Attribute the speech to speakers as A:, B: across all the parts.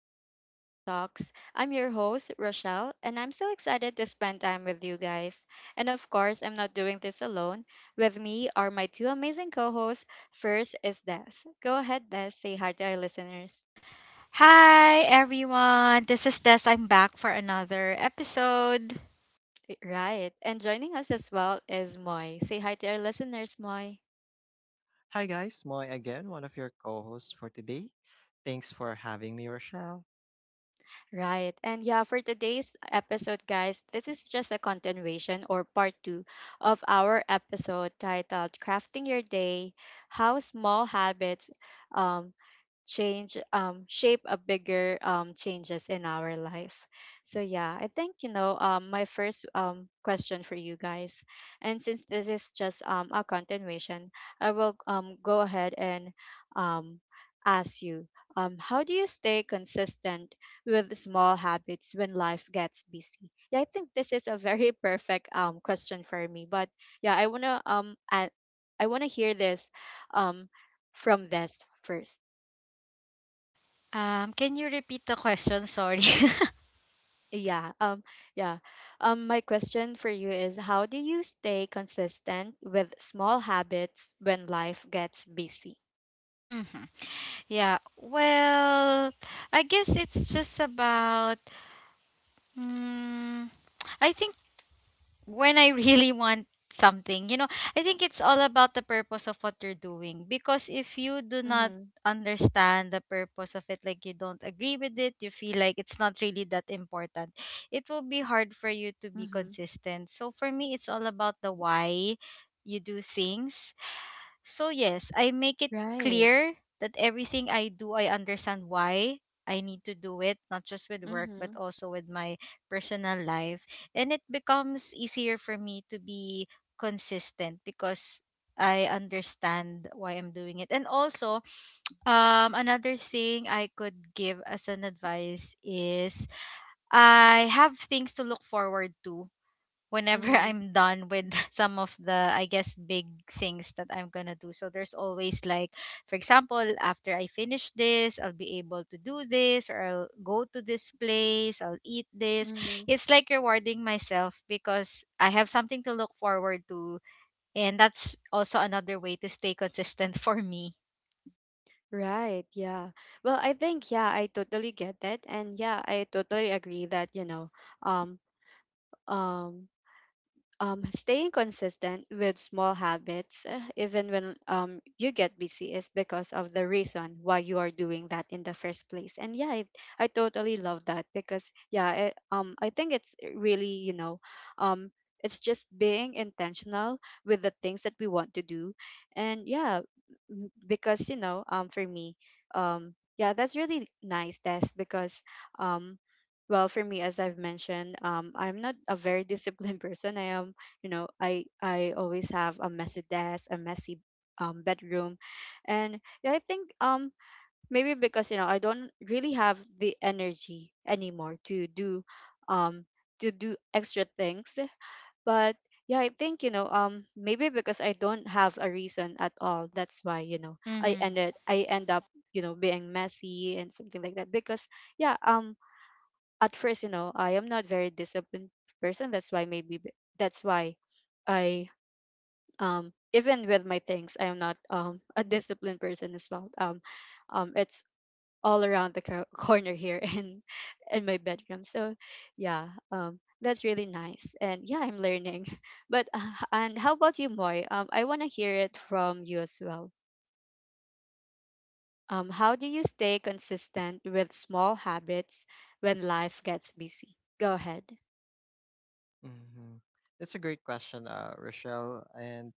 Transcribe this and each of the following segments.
A: welcome to our talks. I'm your host, Rochelle, and I'm so excited to spend time with you guys. And of course, I'm not doing this alone. With me are my two amazing co hosts. First is Des. Go ahead, Des, say hi to our listeners.
B: Hi everyone, this is Des. I'm back for another episode.
A: Right, and joining us as well is Moy. Say hi to our listeners, Moy.
C: Hi guys, Moy again, one of your co-hosts for today. Thanks for having me, Rochelle.
A: Right. And yeah, for today's episode, guys, this is just a continuation or part two of our episode titled Crafting Your Day, How Small Habits um, change shape a bigger changes in our life. So yeah, I think, my first question for you guys, and since this is just a continuation, I will go ahead and um ask you, how do you stay consistent with small habits when life gets busy? Yeah, I think this is a very perfect question for me. But yeah, I wanna hear this um from this first.
B: Can you repeat the question? Sorry.
A: Yeah, yeah. My question for you is, how do you stay consistent with small habits when life gets busy?
B: Hmm. Yeah. Well, I guess it's just about. Mm, I think when I really want something. You know, I think it's all about the purpose of what you're doing. Because if you do not
A: Mhm.
B: understand the purpose of it, like you don't agree with it, you feel like it's not really that important, it will be hard for you to be
A: Mhm.
B: consistent. So for me, it's all about the why you do things. So, yes, I make it
A: Right.
B: clear that everything I do, I understand why I need to do it, not just with work, but
A: Mhm.
B: also with my personal life. And it becomes easier for me to be consistent because I understand why I'm doing it. And also, another thing I could give as an advice is I have things to look forward to whenever
A: Mhm.
B: I'm done with some of the, I guess, big things that I'm gonna do. So there's always, like, for example, after I finish this, I'll be able to do this, or I'll go to this place, I'll eat this.
A: Mhm.
B: It's like rewarding myself because I have something to look forward to. And that's also another way to stay consistent for me.
A: Right, yeah. Well, I think, yeah, I totally get it, and yeah, I totally agree that, um um staying consistent with small habits, even when you get busy, is because of the reason why you are doing that in the first place. And yeah, I totally love that, because yeah, I think it's really, um, it's just being intentional with the things that we want to do, and yeah, because, you know, for me, yeah, that's really nice. That's because um, well, for me, as I've mentioned, I'm not a very disciplined person. I am, you know, I always have a messy desk, a messy bedroom. And yeah, I think maybe because, you know, I don't really have the energy anymore to do, um extra things. But yeah, I think, maybe because I don't have a reason at all, that's why, you know,
B: Mm-hmm.
A: I end up, you know, being messy and something like that. Because yeah, at first, you know, I am not very disciplined person, that's why I, even with my things, I'm not a disciplined person as well. It's all around the corner, here in my bedroom. So yeah, that's really nice. And yeah, I'm learning but and how about you, Moy? I want to hear it from you as well. How do you stay consistent with small habits when life gets busy? Go ahead.
C: hmm That's a great question, Rochelle. And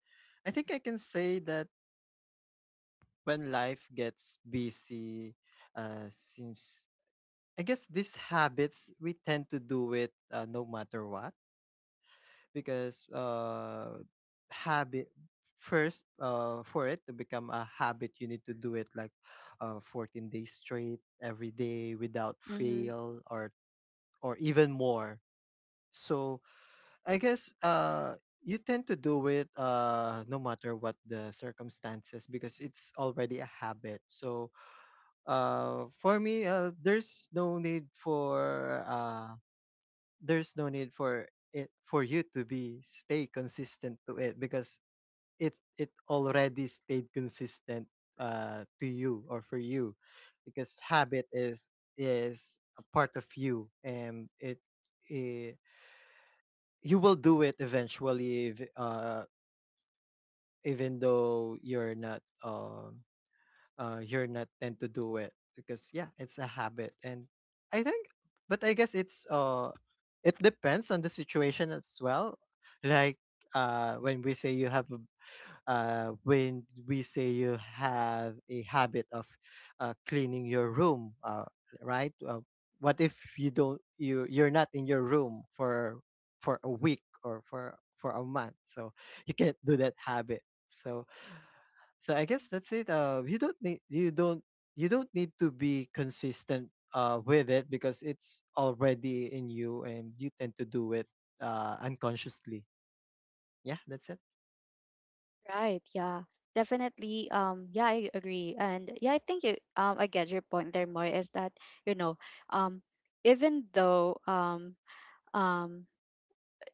C: I think I can say that when life gets busy, since I guess these habits we tend to do it no matter what, because habit first, for it to become a habit, you need to do it like 14 days straight every day without
A: Mm-hmm.
C: fail or even more. So I guess you tend to do it no matter what the circumstances because it's already a habit. So for me, there's no need for it for you to be stay consistent to it because it already stayed consistent to you or for you because habit is a part of you and it, eh, you will do it eventually if, even though you're not tend to do it because yeah it's a habit. And I think, but I guess it depends on the situation as well. Like uh when we say you have a when we say you have a habit of cleaning your room, right? What if you're not in your room for a week or for a month, so you can't do that habit. So so I guess that's it. You don't need to be consistent with it because it's already in you and you tend to do it, unconsciously. Yeah, that's it.
A: Right. Yeah. Definitely. Yeah, I agree. And yeah, I think you. I get your point there, Moy, is that, you know, um, even though um um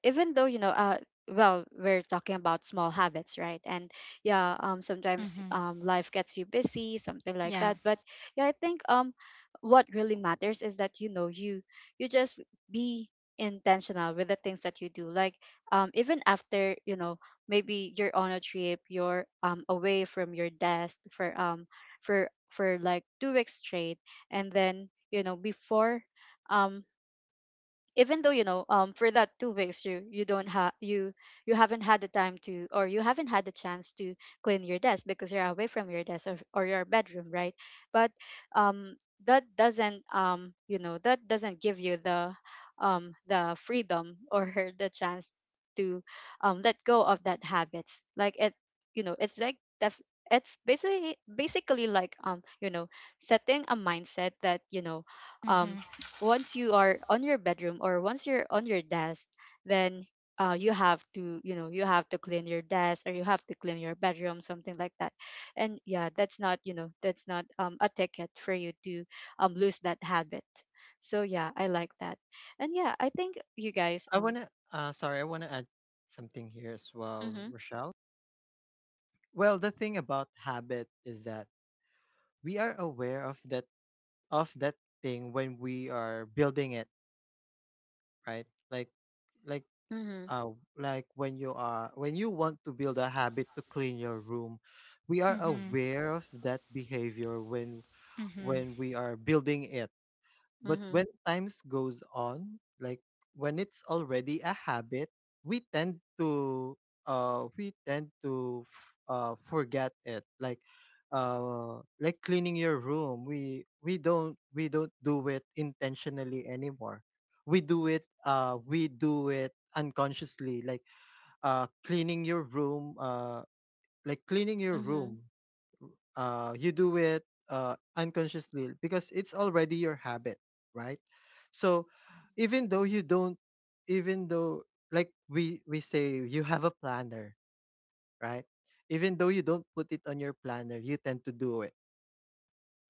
A: even though well, we're talking about small habits, right? And yeah, sometimes,
B: Mm-hmm.
A: life gets you busy, something like
B: Yeah.
A: that. But yeah, I think, what really matters is that, you know, you just be intentional with the things that you do, like, even after, you know, maybe you're on a trip, you're away from your desk for like 2 weeks straight. And then, you know before um, even though, for that 2 weeks, you haven't had the time to, or you haven't had the chance to clean your desk because you're away from your desk, or your bedroom, right? But um that doesn't give you the, the freedom, or the chance to let go of that habits. You know it's like def- it's basically, like, setting a mindset that, um
B: Mm-hmm.
A: once you are on your bedroom or once you're on your desk, then, you have to clean your desk, or you have to clean your bedroom, something like that. And yeah, that's not, a ticket for you to, lose that habit. So yeah, I like that. And yeah, I think you guys,
C: I wanna I wanna add something here as well,
A: mm-hmm,
C: Rochelle. Well, the thing about habit is that we are aware of that thing when we are building it, right? Like
A: mm-hmm,
C: uh like when you are when you want to build a habit to clean your room, we are
B: Mm-hmm.
C: aware of that behavior when
B: Mm-hmm.
C: we are building it. But
A: mm-hmm,
C: when times goes on, like when it's already a habit, we tend to forget it. Like cleaning your room, we don't do it intentionally anymore. We do it, unconsciously. Like uh cleaning your room uh cleaning your
A: mm-hmm.
C: room, you do it, unconsciously because it's already your habit, right? So even though you don't, even though like we say you have a planner, right? Even though you don't put it on your planner, you tend to do it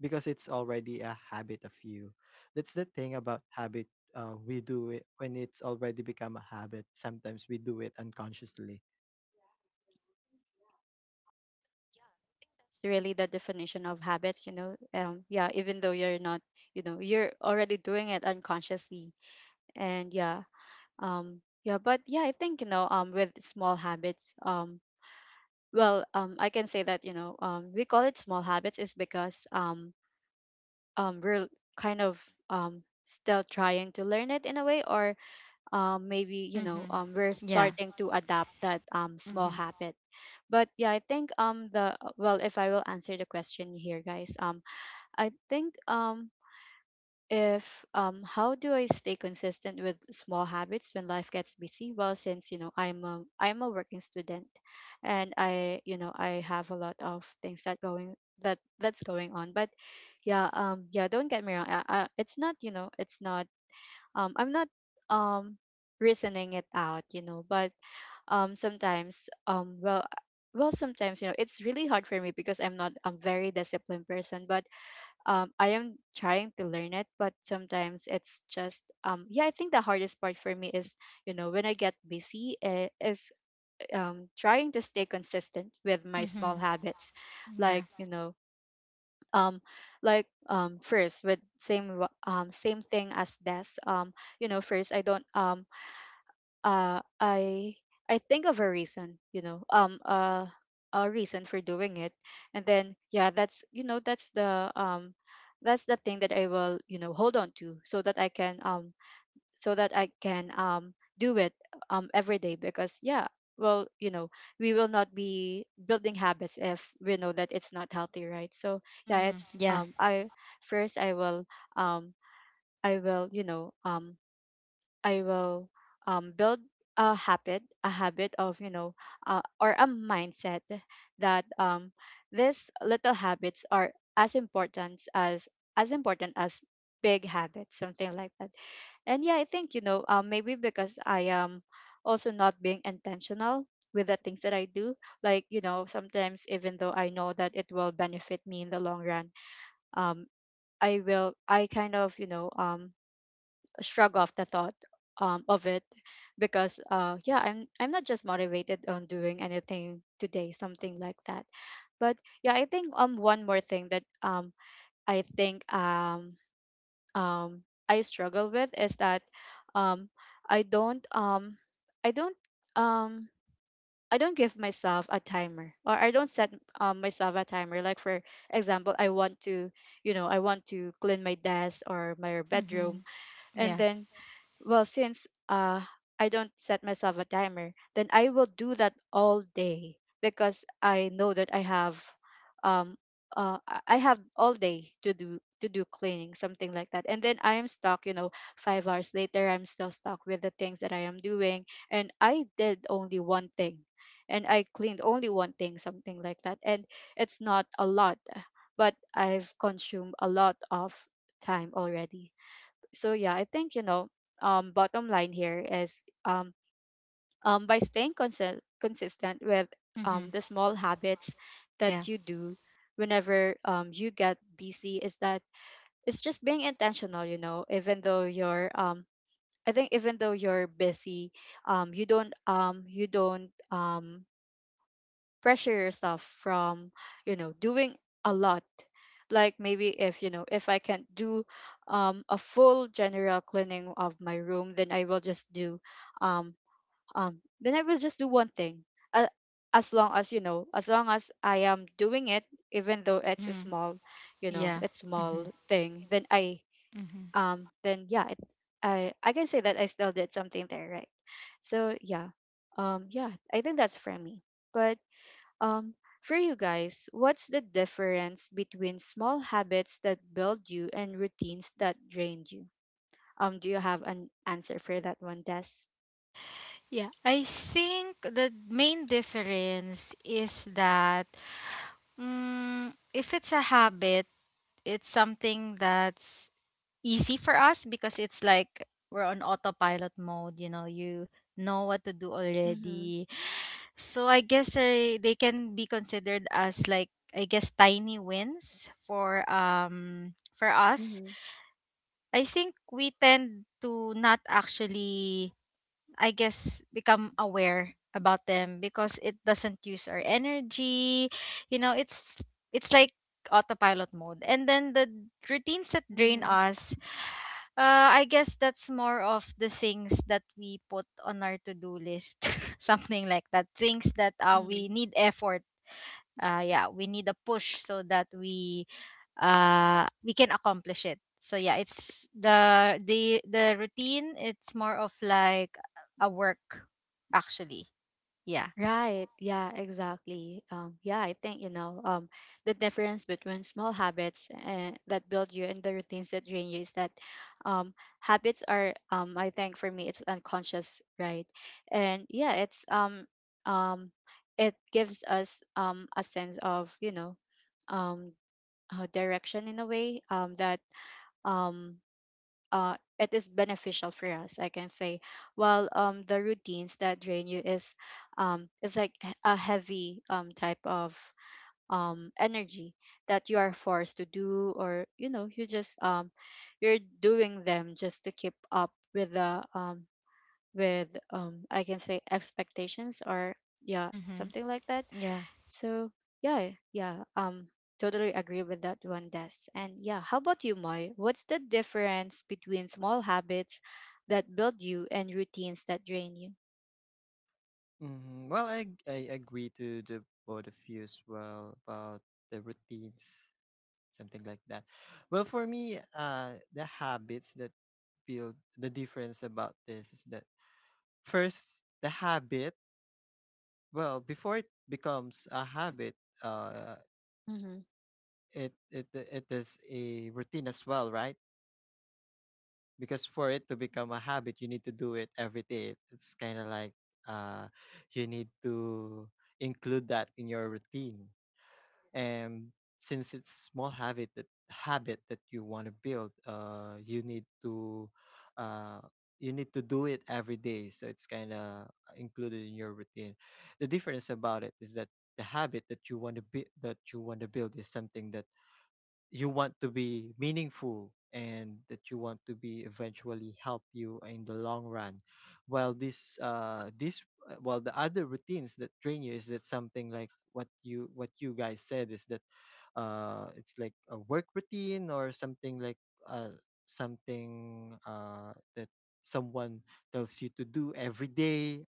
C: because it's already a habit of you. That's the thing about habit: we do it when it's already become a habit. Sometimes we do it unconsciously.
A: It's really the definition of habits, yeah, even though you're not, you know, you're already doing it unconsciously. And yeah, yeah. But yeah, I think, with small habits, I can say that, we call it small habits is because, we're kind of still trying to learn it in a way, or maybe, you know,
B: Mm-hmm.
A: we're
B: Yeah.
A: starting to adapt that small
B: Mm-hmm.
A: habit. But yeah, I think, the well, if I will answer the question here, guys, I think, if, how do I stay consistent with small habits when life gets busy? Well, since, you know, I'm a working student, and I you know I have a lot of things, that's going on. But yeah, yeah, don't get me wrong. It's not, I'm not um reasoning it out, you know. But sometimes, well, sometimes, you know, it's really hard for me because I'm not a very disciplined person. But I am trying to learn it, but sometimes it's just, yeah. I think the hardest part for me is, you know, when I get busy, is, trying to stay consistent with my small
B: Mm-hmm.
A: habits, like,
B: Yeah.
A: um first, with same, same thing as this, first, I don't uh I I think of a reason, a reason for doing it. And then yeah, that's you know that's the thing that I will, you know, hold on to, so that I can do it every day. Because yeah, well, you know, we will not be building habits if we know that it's not healthy, right? So yeah,
B: Mm-hmm.
A: it's
B: Yeah.
A: I first I will um i will you know um I will, build a habit of, you know, or a mindset that, these little habits are as important as big habits, something like that. And yeah, I think, you know, maybe because I am also not being intentional with the things that I do. Like, you know, sometimes, even though I know that it will benefit me in the long run, um, I kind of, you know, shrug off the thought, of it, because, yeah, I'm not just motivated on doing anything today, something like that. But yeah, I think, one more thing that, I think um I struggle with is that, um I don't um I don't um I don't give myself a timer, or I don't set, myself a timer, like for example, I want to clean my desk or my bedroom.
B: Mhm.
A: And
B: Yeah.
A: then, well, since, I don't set myself a timer, then I will do that all day because I know that I have, um, I have all day to do, cleaning, something like that. And then I am stuck, you know, 5 hours later, I'm still stuck with the things that I am doing, and I did only one thing, and I cleaned only one thing, something like that. And it's not a lot, but I've consumed a lot of time already. So yeah, I think, bottom line here is, by staying consistent with
B: Mhm.
A: the small habits
B: Yeah.
A: that you do whenever, you get busy, is that it's just being intentional. You know, even though you're busy, you don't pressure yourself from, you know, doing a lot, like maybe, if you know if I can't do, a full general cleaning of my room, then um, I will just do one thing, uh, as long as, I am doing it, even though it's a
B: Mhm.
A: small you know
B: Yeah.
A: it's small
B: Mhm.
A: thing,
B: Mhm.
A: then yeah, it, I can say that I still did something there, right? So yeah, yeah, I think that's for me. But um, for you guys, what's the difference between small habits that build you and routines that drain you? Do you have an answer for that one, Des?
B: Yeah. I think the main difference is that, mm, if it's a habit, it's something that's easy for us because it's like we're on autopilot mode. You know, you know what to do
A: Mm-hmm.
B: already. So I guess they can be considered as like, I guess, tiny wins for us.
A: Mm-hmm.
B: I think we tend to not actually, I guess, become aware about them because it doesn't use our energy. You know, it's like autopilot mode. And then the routines that drain
A: Mm-hmm.
B: us, I guess that's more of the things that we put on our to-do list, something like that. Things that
A: Mm-hmm.
B: we need effort. Yeah, we need a push so that we can accomplish it. So yeah, it's the the routine. It's more of like a work, actually. Yeah.
A: Right. Yeah, exactly. Yeah, I think, the difference between small habits that build you and the routines that drain you is that um, habits are, I think for me, it's unconscious, right? And yeah, it's, um, it gives us a sense of, um, direction in a way that um, it is beneficial for us, I can say, while the routines that drain you is like a heavy type of energy that you are forced to do, or you know you just you're doing them just to keep up with the with I can say expectations, or yeah,
B: Mhm.
A: something like that.
B: Yeah.
A: So yeah, totally agree with that one, Des. And yeah, how about you, Moy? What's the difference between small habits that build you and routines that drain you?
C: Well, I agree to the both of you as well about the routines. Something like that. Well, for me, the habits that build, the difference about this is that first, the habit. Well, before it becomes a habit, uh,
A: Mm-hmm.
C: it is a routine as well, right? Because for it to become a habit, you need to do it every day. It's kind of like, uh, you need to include that in your routine. And since it's small habit, that habit that you want to build, uh you need to do it every day, so it's kind of included in your routine. The difference about it is that the habit that you want to build is something that you want to be meaningful and that you want to be eventually help you in the long run. While this this well, the other routines that train you is that something like what you, what you guys said is that it's like a work routine or something like uh something that someone tells you to do every day,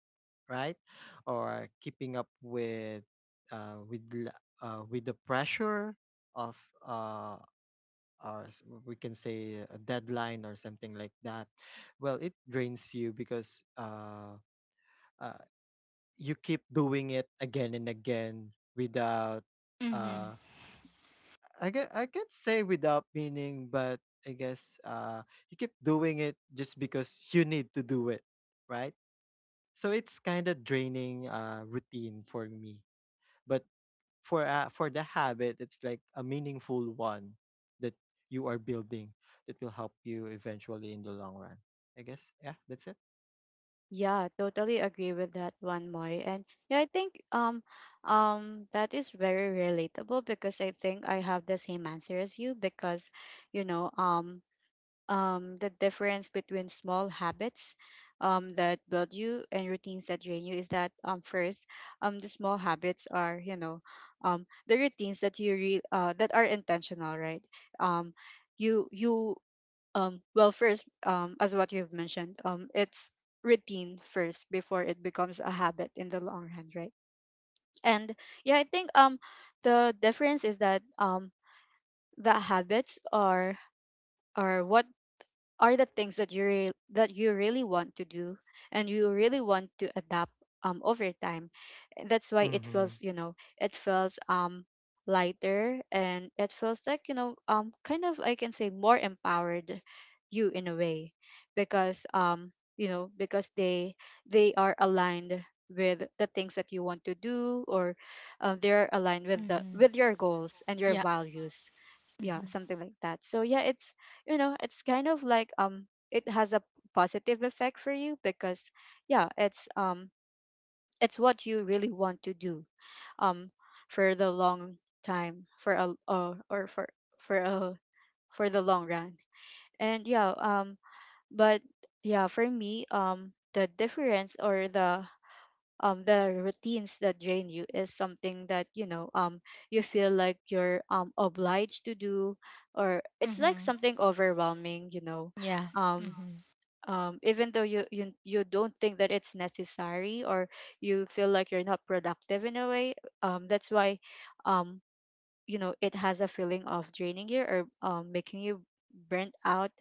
C: right? Or keeping up with with the pressure of uh we can say a deadline or something like that. Well, it drains you because, uh you keep doing it again and again without
B: Mhm.
C: uh I get, I can't say without meaning, but I guess you keep doing it just because you need to do it, right? So it's kind of draining routine for me. But for the habit, it's like a meaningful one that you are building that will help you eventually in the long run. I guess yeah, that's it.
A: Yeah, totally agree with that one, Moy. And yeah, I think that is very relatable because I think I have the same answer as you because you know um the difference between small habits that build you and routines that drain you is that first, the small habits are, you know, the routines that that are intentional, right? um, you you well first, as what you've mentioned, it's routine first before it becomes a habit in the long run, right? And yeah, I think the difference is that the habits are what, are the things that that you really want to do and you really want to adapt over time. That's why it
C: Mm-hmm.
A: feels, you know, it feels lighter and it feels like, you know, kind of, I can say, more empowered you in a way, because you know, because they are aligned with the things that you want to do, or they're aligned with the,
B: Mhm.
A: with your goals and your
B: Yeah.
A: values. Yeah,
B: Mhm.
A: something like that. So yeah, it's, you know, it's kind of like it has a positive effect for you because yeah, it's what you really want to do, um for the long time, for a or for for a, for the long run. And yeah, but yeah, for me, the difference, or the routines that drain you is something that, you know, you feel like you're obliged to do, or it's like
B: Mhm.
A: something overwhelming, you know.
B: Yeah.
A: um
B: Mhm.
A: even though you don't think that it's necessary, or you feel like you're not productive in a way, that's why, um, you know, it has a feeling of draining you or making you burnt out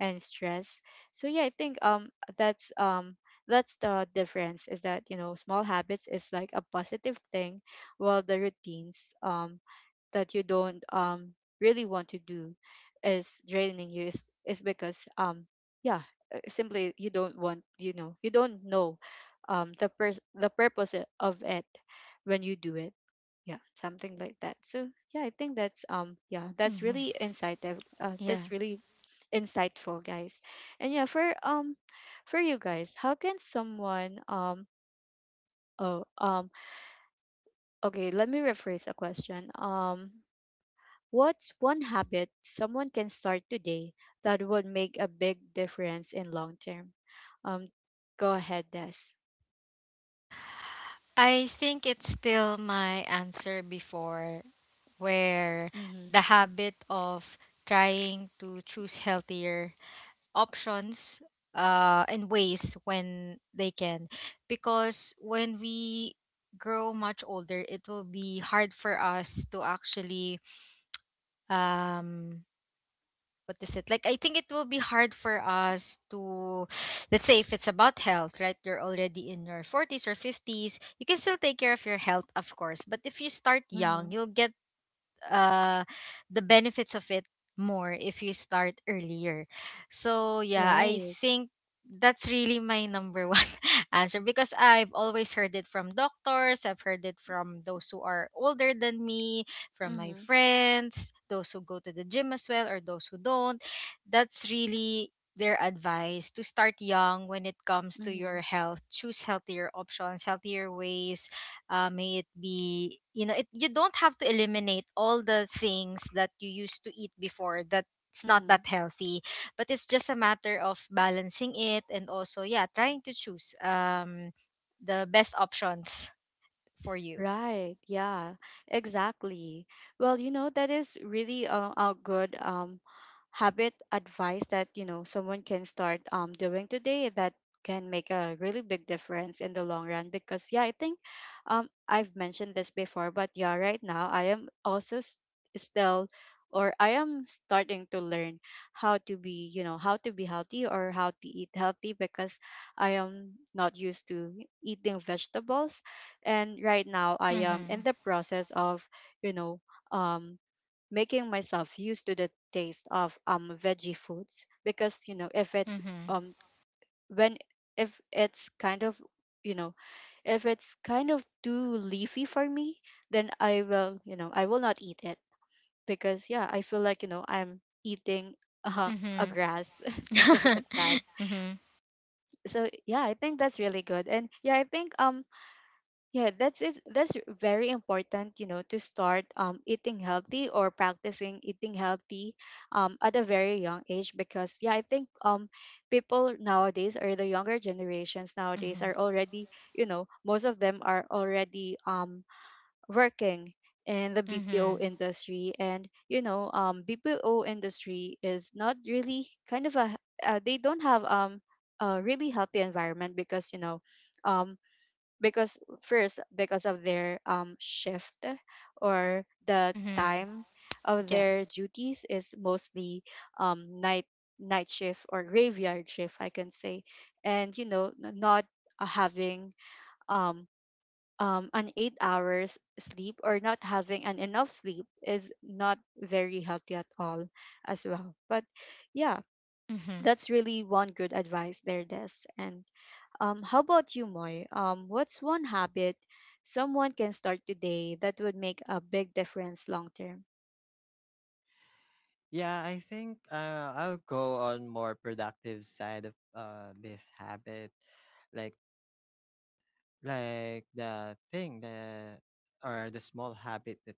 A: and stressed. So yeah, I think that's um that's the difference, is that, you know, small habits is like a positive thing, while the routines that you don't really want to do is draining you, is because yeah, simply you don't want, you know, you don't know the purpose of it when you do it. Yeah, something like that. So yeah, I think that's yeah, that's
B: Mhm.
A: really insightful,
B: Yeah.
A: that's really insightful, guys. And yeah, for you guys, how can someone oh um okay, let me rephrase the question. What's one habit someone can start today that would make a big difference in long term? um Go ahead, Des.
B: I think it's still my answer before, where the
A: Mm-hmm.
B: habit of trying to choose healthier options and ways when they can, because when we grow much older it will be hard for us to actually um what is it like, I think it will be hard for us to let's say if it's about health, right? You're already in your 40s or 50s, you can still take care of your health, of course, but if you start
A: Mm-hmm.
B: young, you'll get uh the benefits of it more if you start earlier. So yeah, I
A: Right.
B: think that's really my number one answer, because I've always heard it from doctors, I've heard it from those who are older than me, from my
A: Mm-hmm.
B: friends, those who go to the gym as well or those who don't. That's really their advice, to start young when it comes to
A: Mm-hmm.
B: your health, choose healthier options, healthier ways. May it be, you know, it, you don't have to eliminate all the things that you used to eat before that it's not
A: Mm-hmm.
B: that healthy, but it's just a matter of balancing it, and also, yeah, trying to choose the best options for you.
A: Right. Yeah. Exactly. Well, you know, that is really a good habit advice that, you know, someone can start doing today that can make a really big difference in the long run, because yeah, I think I've mentioned this before, but yeah, right now I am also still, or I am starting to learn how to be, you know, how to be healthy or how to eat healthy, because I am not used to eating vegetables, and right now I am in
B: Mhm.
A: the process of, you know, um making myself used to the taste of veggie foods, because you know, if it's
B: Mhm.
A: um when if it's kind of, you know, if it's kind of too leafy for me, then I will, you know, I will not eat it, because yeah, I feel like, you know, I'm eating uh, a
B: Mhm.
A: grass, something like that.
B: Mhm.
A: So yeah, I think that's really good. And yeah, I think yeah, that's it. That's very important, you know, to start eating healthy or practicing eating healthy at a very young age, because yeah, I think people nowadays or the younger generations nowadays
B: Mhm.
A: are already, you know, most of them are already working in the BPO
B: Mhm.
A: industry. And, you know, BPO industry is not really kind of a, they don't have a really healthy environment, because, you know, um, because first, because of their shift, or the
B: Mhm.
A: time of
B: Yeah.
A: their duties is mostly night, night shift or graveyard shift, I can say. And you know, not having um an 8 hours sleep or not having an enough sleep is not very healthy at all as well. But yeah,
B: Mhm.
A: that's really one good advice there, Des. And how about you, Moy? What's one habit someone can start today that would make a big difference long term?
C: Yeah, I think, I'll go on more productive side of this habit. like the thing that, or the small habit that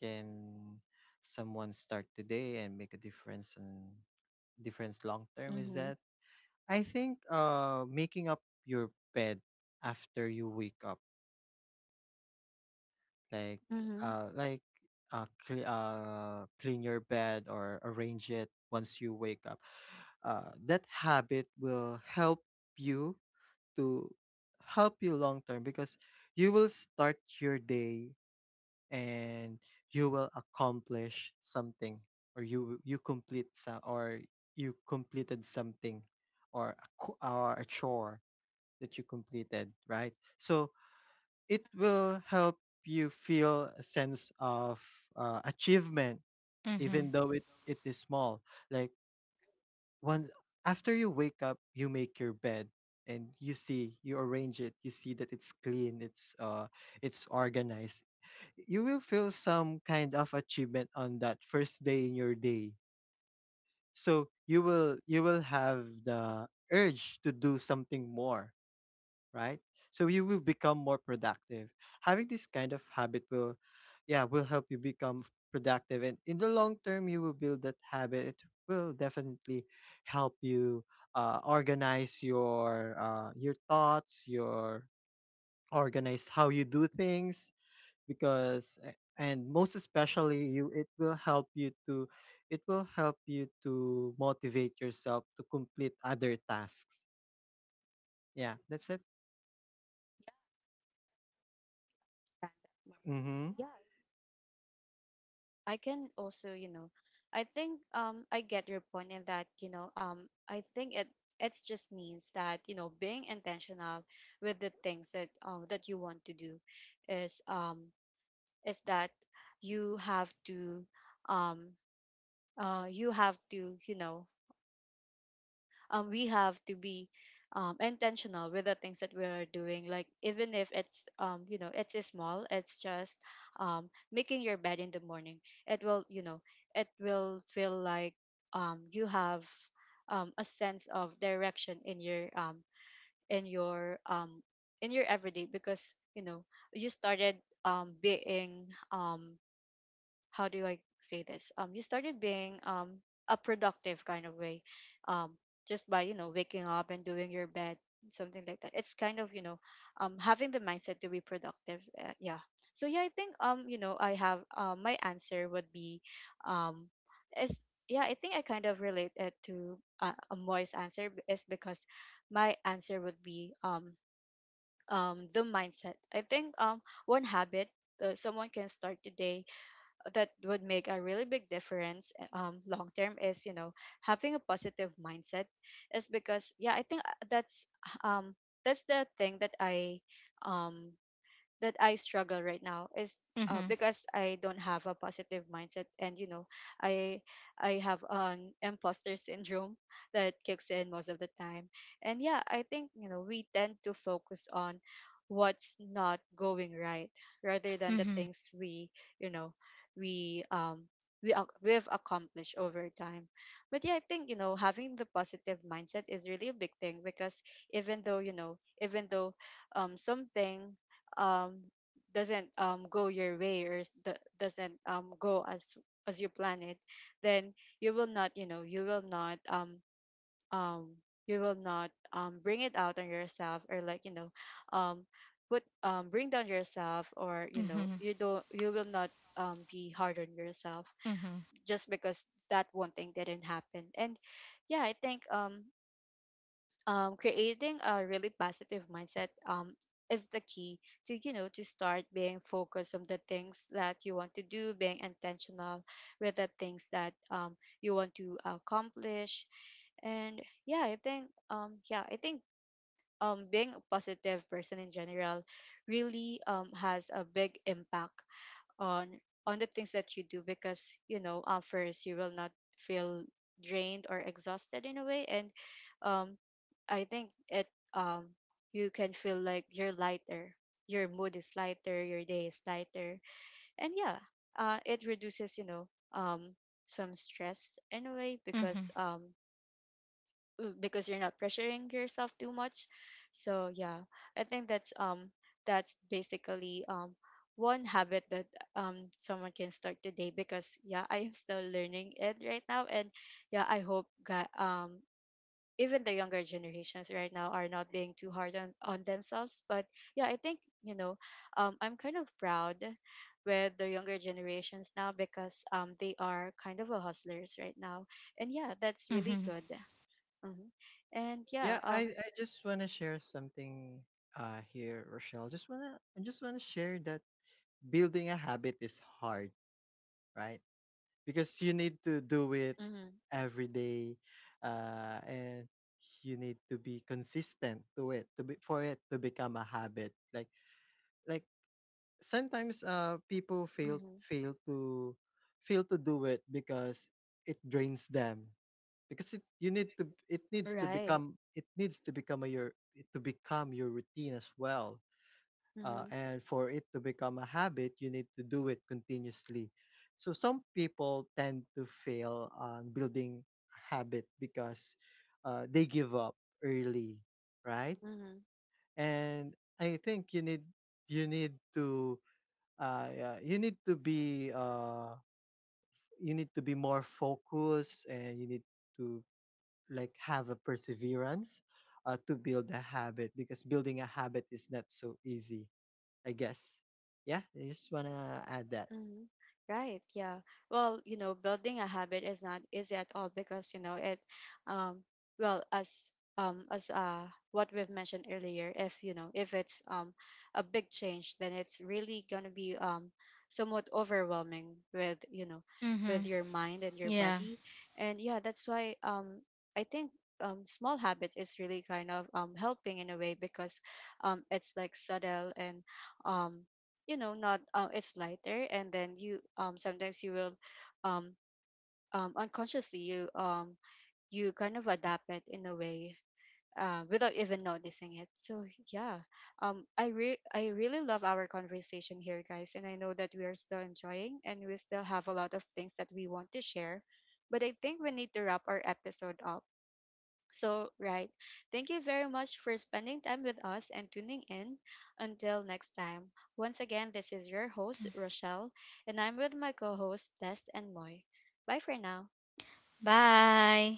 C: can someone start today and make a difference and difference long term is
A: Mm-hmm.
C: that I think making up your bed after you wake up. Like
A: Mm-hmm.
C: uh like clean your bed or arrange it once you wake up. That habit will help you to help you long term because you will start your day and you will accomplish something, or you completed something, or a chore that you completed, right? So it will help you feel a sense of achievement,
B: Mhm.
C: even though it is small. Like once after you wake up you make your bed, and you see, you arrange it, you see that it's clean, it's organized. You will feel some kind of achievement on that first day in your day, so you will have the urge to do something more, right? So you will become more productive. Having this kind of habit will, yeah, will help you become productive, and in the long term you will build that habit. It will definitely help you organize your, your thoughts, your, organize how you do things. Because and most especially you, it will help you to, motivate yourself to complete other tasks. Yeah, that's it. Mm-hmm.
A: Yeah, I can also, you know, I think I get your point in that, you know, I think it, it just means that, you know, being intentional with the things that that you want to do is um is that you have to um you have to, you know, we have to be intentional with the things that we are doing, like even if it's you know, it's small, it's just making your bed in the morning, it will, you know, it will feel like you have a sense of direction in your in your um, in your everyday, because you know, you started being how do I say this? You started being a productive kind of way, um, just by, you know, waking up and doing your bed, something like that. It's kind of, you know, having the mindset to be productive. Yeah. So yeah, I think, you know, I have my answer would be, um, is yeah, I think I kind of relate it to a Moy's answer, is because my answer would be the mindset. I think one habit someone can start today that would make a really big difference long term is, you know, having a positive mindset. Is because yeah, I think um that's the thing um that I struggle right now, is
B: Mhm.
A: because I don't have a positive mindset, and you know, I I have an imposter syndrome that kicks in most of the time. And yeah, I think, you know, we tend to focus on what's not going right rather than the
B: Mhm.
A: things we, you know, we um we've accomplished over time. But yeah, I think, you know, having the positive mindset is really a big thing, because even though something um, doesn't go your way, or doesn't go as you plan it, then you will not, you know, um, you will not bring it out on yourself, or like, you know, um, put bring down yourself, or you know,
B: Mhm.
A: you don't, you will not be hard on yourself
B: Mhm.
A: just because that one thing didn't happen. And yeah, I think creating a really positive mindset is the key to, you know, to start being focused on the things that you want to do, being intentional with the things that you want to accomplish. And yeah, I think being a positive person in general really has a big impact on on the things that you do, because you know, first, you will not feel drained or exhausted in a way. And um I think it um you can feel like you're lighter, your mood is lighter, your day is lighter. And yeah, it reduces, you know, um some stress in a way,
B: Mhm.
A: because you're not pressuring yourself too much. So yeah, I think that's basically one habit that someone can start today. Because yeah, I am still learning it right now. And yeah, I hope even the younger generations right now are not being too hard on themselves. But yeah, I think, you know, I'm kind of proud with the younger generations now, because they are kind of a hustlers right now, and yeah, that's really
B: Mhm.
A: good. Hmm. And yeah,
C: Yeah, I just want to share something here, Rochelle. Just want to, I just want to share that building a habit is hard, right? Because you need to do it
A: hmm.
C: every day. And you need to be consistent to it to be, for it to become a habit. Like Sometimes people fail,
A: Hmm.
C: fail to do it because it drains them, because it you need to,
A: Right.
C: it needs to become a, your, it to become your routine as well. uh,
A: Hmm.
C: and for it to become a habit you need to do it continuously, so some people tend to fail on building a habit because, they give up early, right?
A: Hmm.
C: And I think you need, you need to yeah, you need to be, you need to be more focused and you need to like have a perseverance to build a habit, because building a habit is not so easy, I guess. Yeah, I just want to add that.
A: Mhm. Right. Yeah. Well, you know, building a habit is not easy at all, because, you know, it um well as as what we've mentioned earlier, if you know, if it's a big change, then it's really gonna be somewhat overwhelming with, you know, with
B: Mhm.
A: your mind and your
B: Yeah.
A: body. And yeah, that's why I think small habits is really kind of helping in a way, because it's like subtle, and um you know, not it's lighter, and then you sometimes you will um unconsciously you you kind of adapt it in a way, without even noticing it. So yeah, I I really love our conversation here, guys, and I know that we are still enjoying, and we still have a lot of things that we want to share, but I think we need to wrap our episode up. So, right. Thank you very much for spending time with us and tuning in. Until next time, once again, this is your host, Rochelle, and I'm with my co host, Des and Moy. Bye for now.
B: Bye.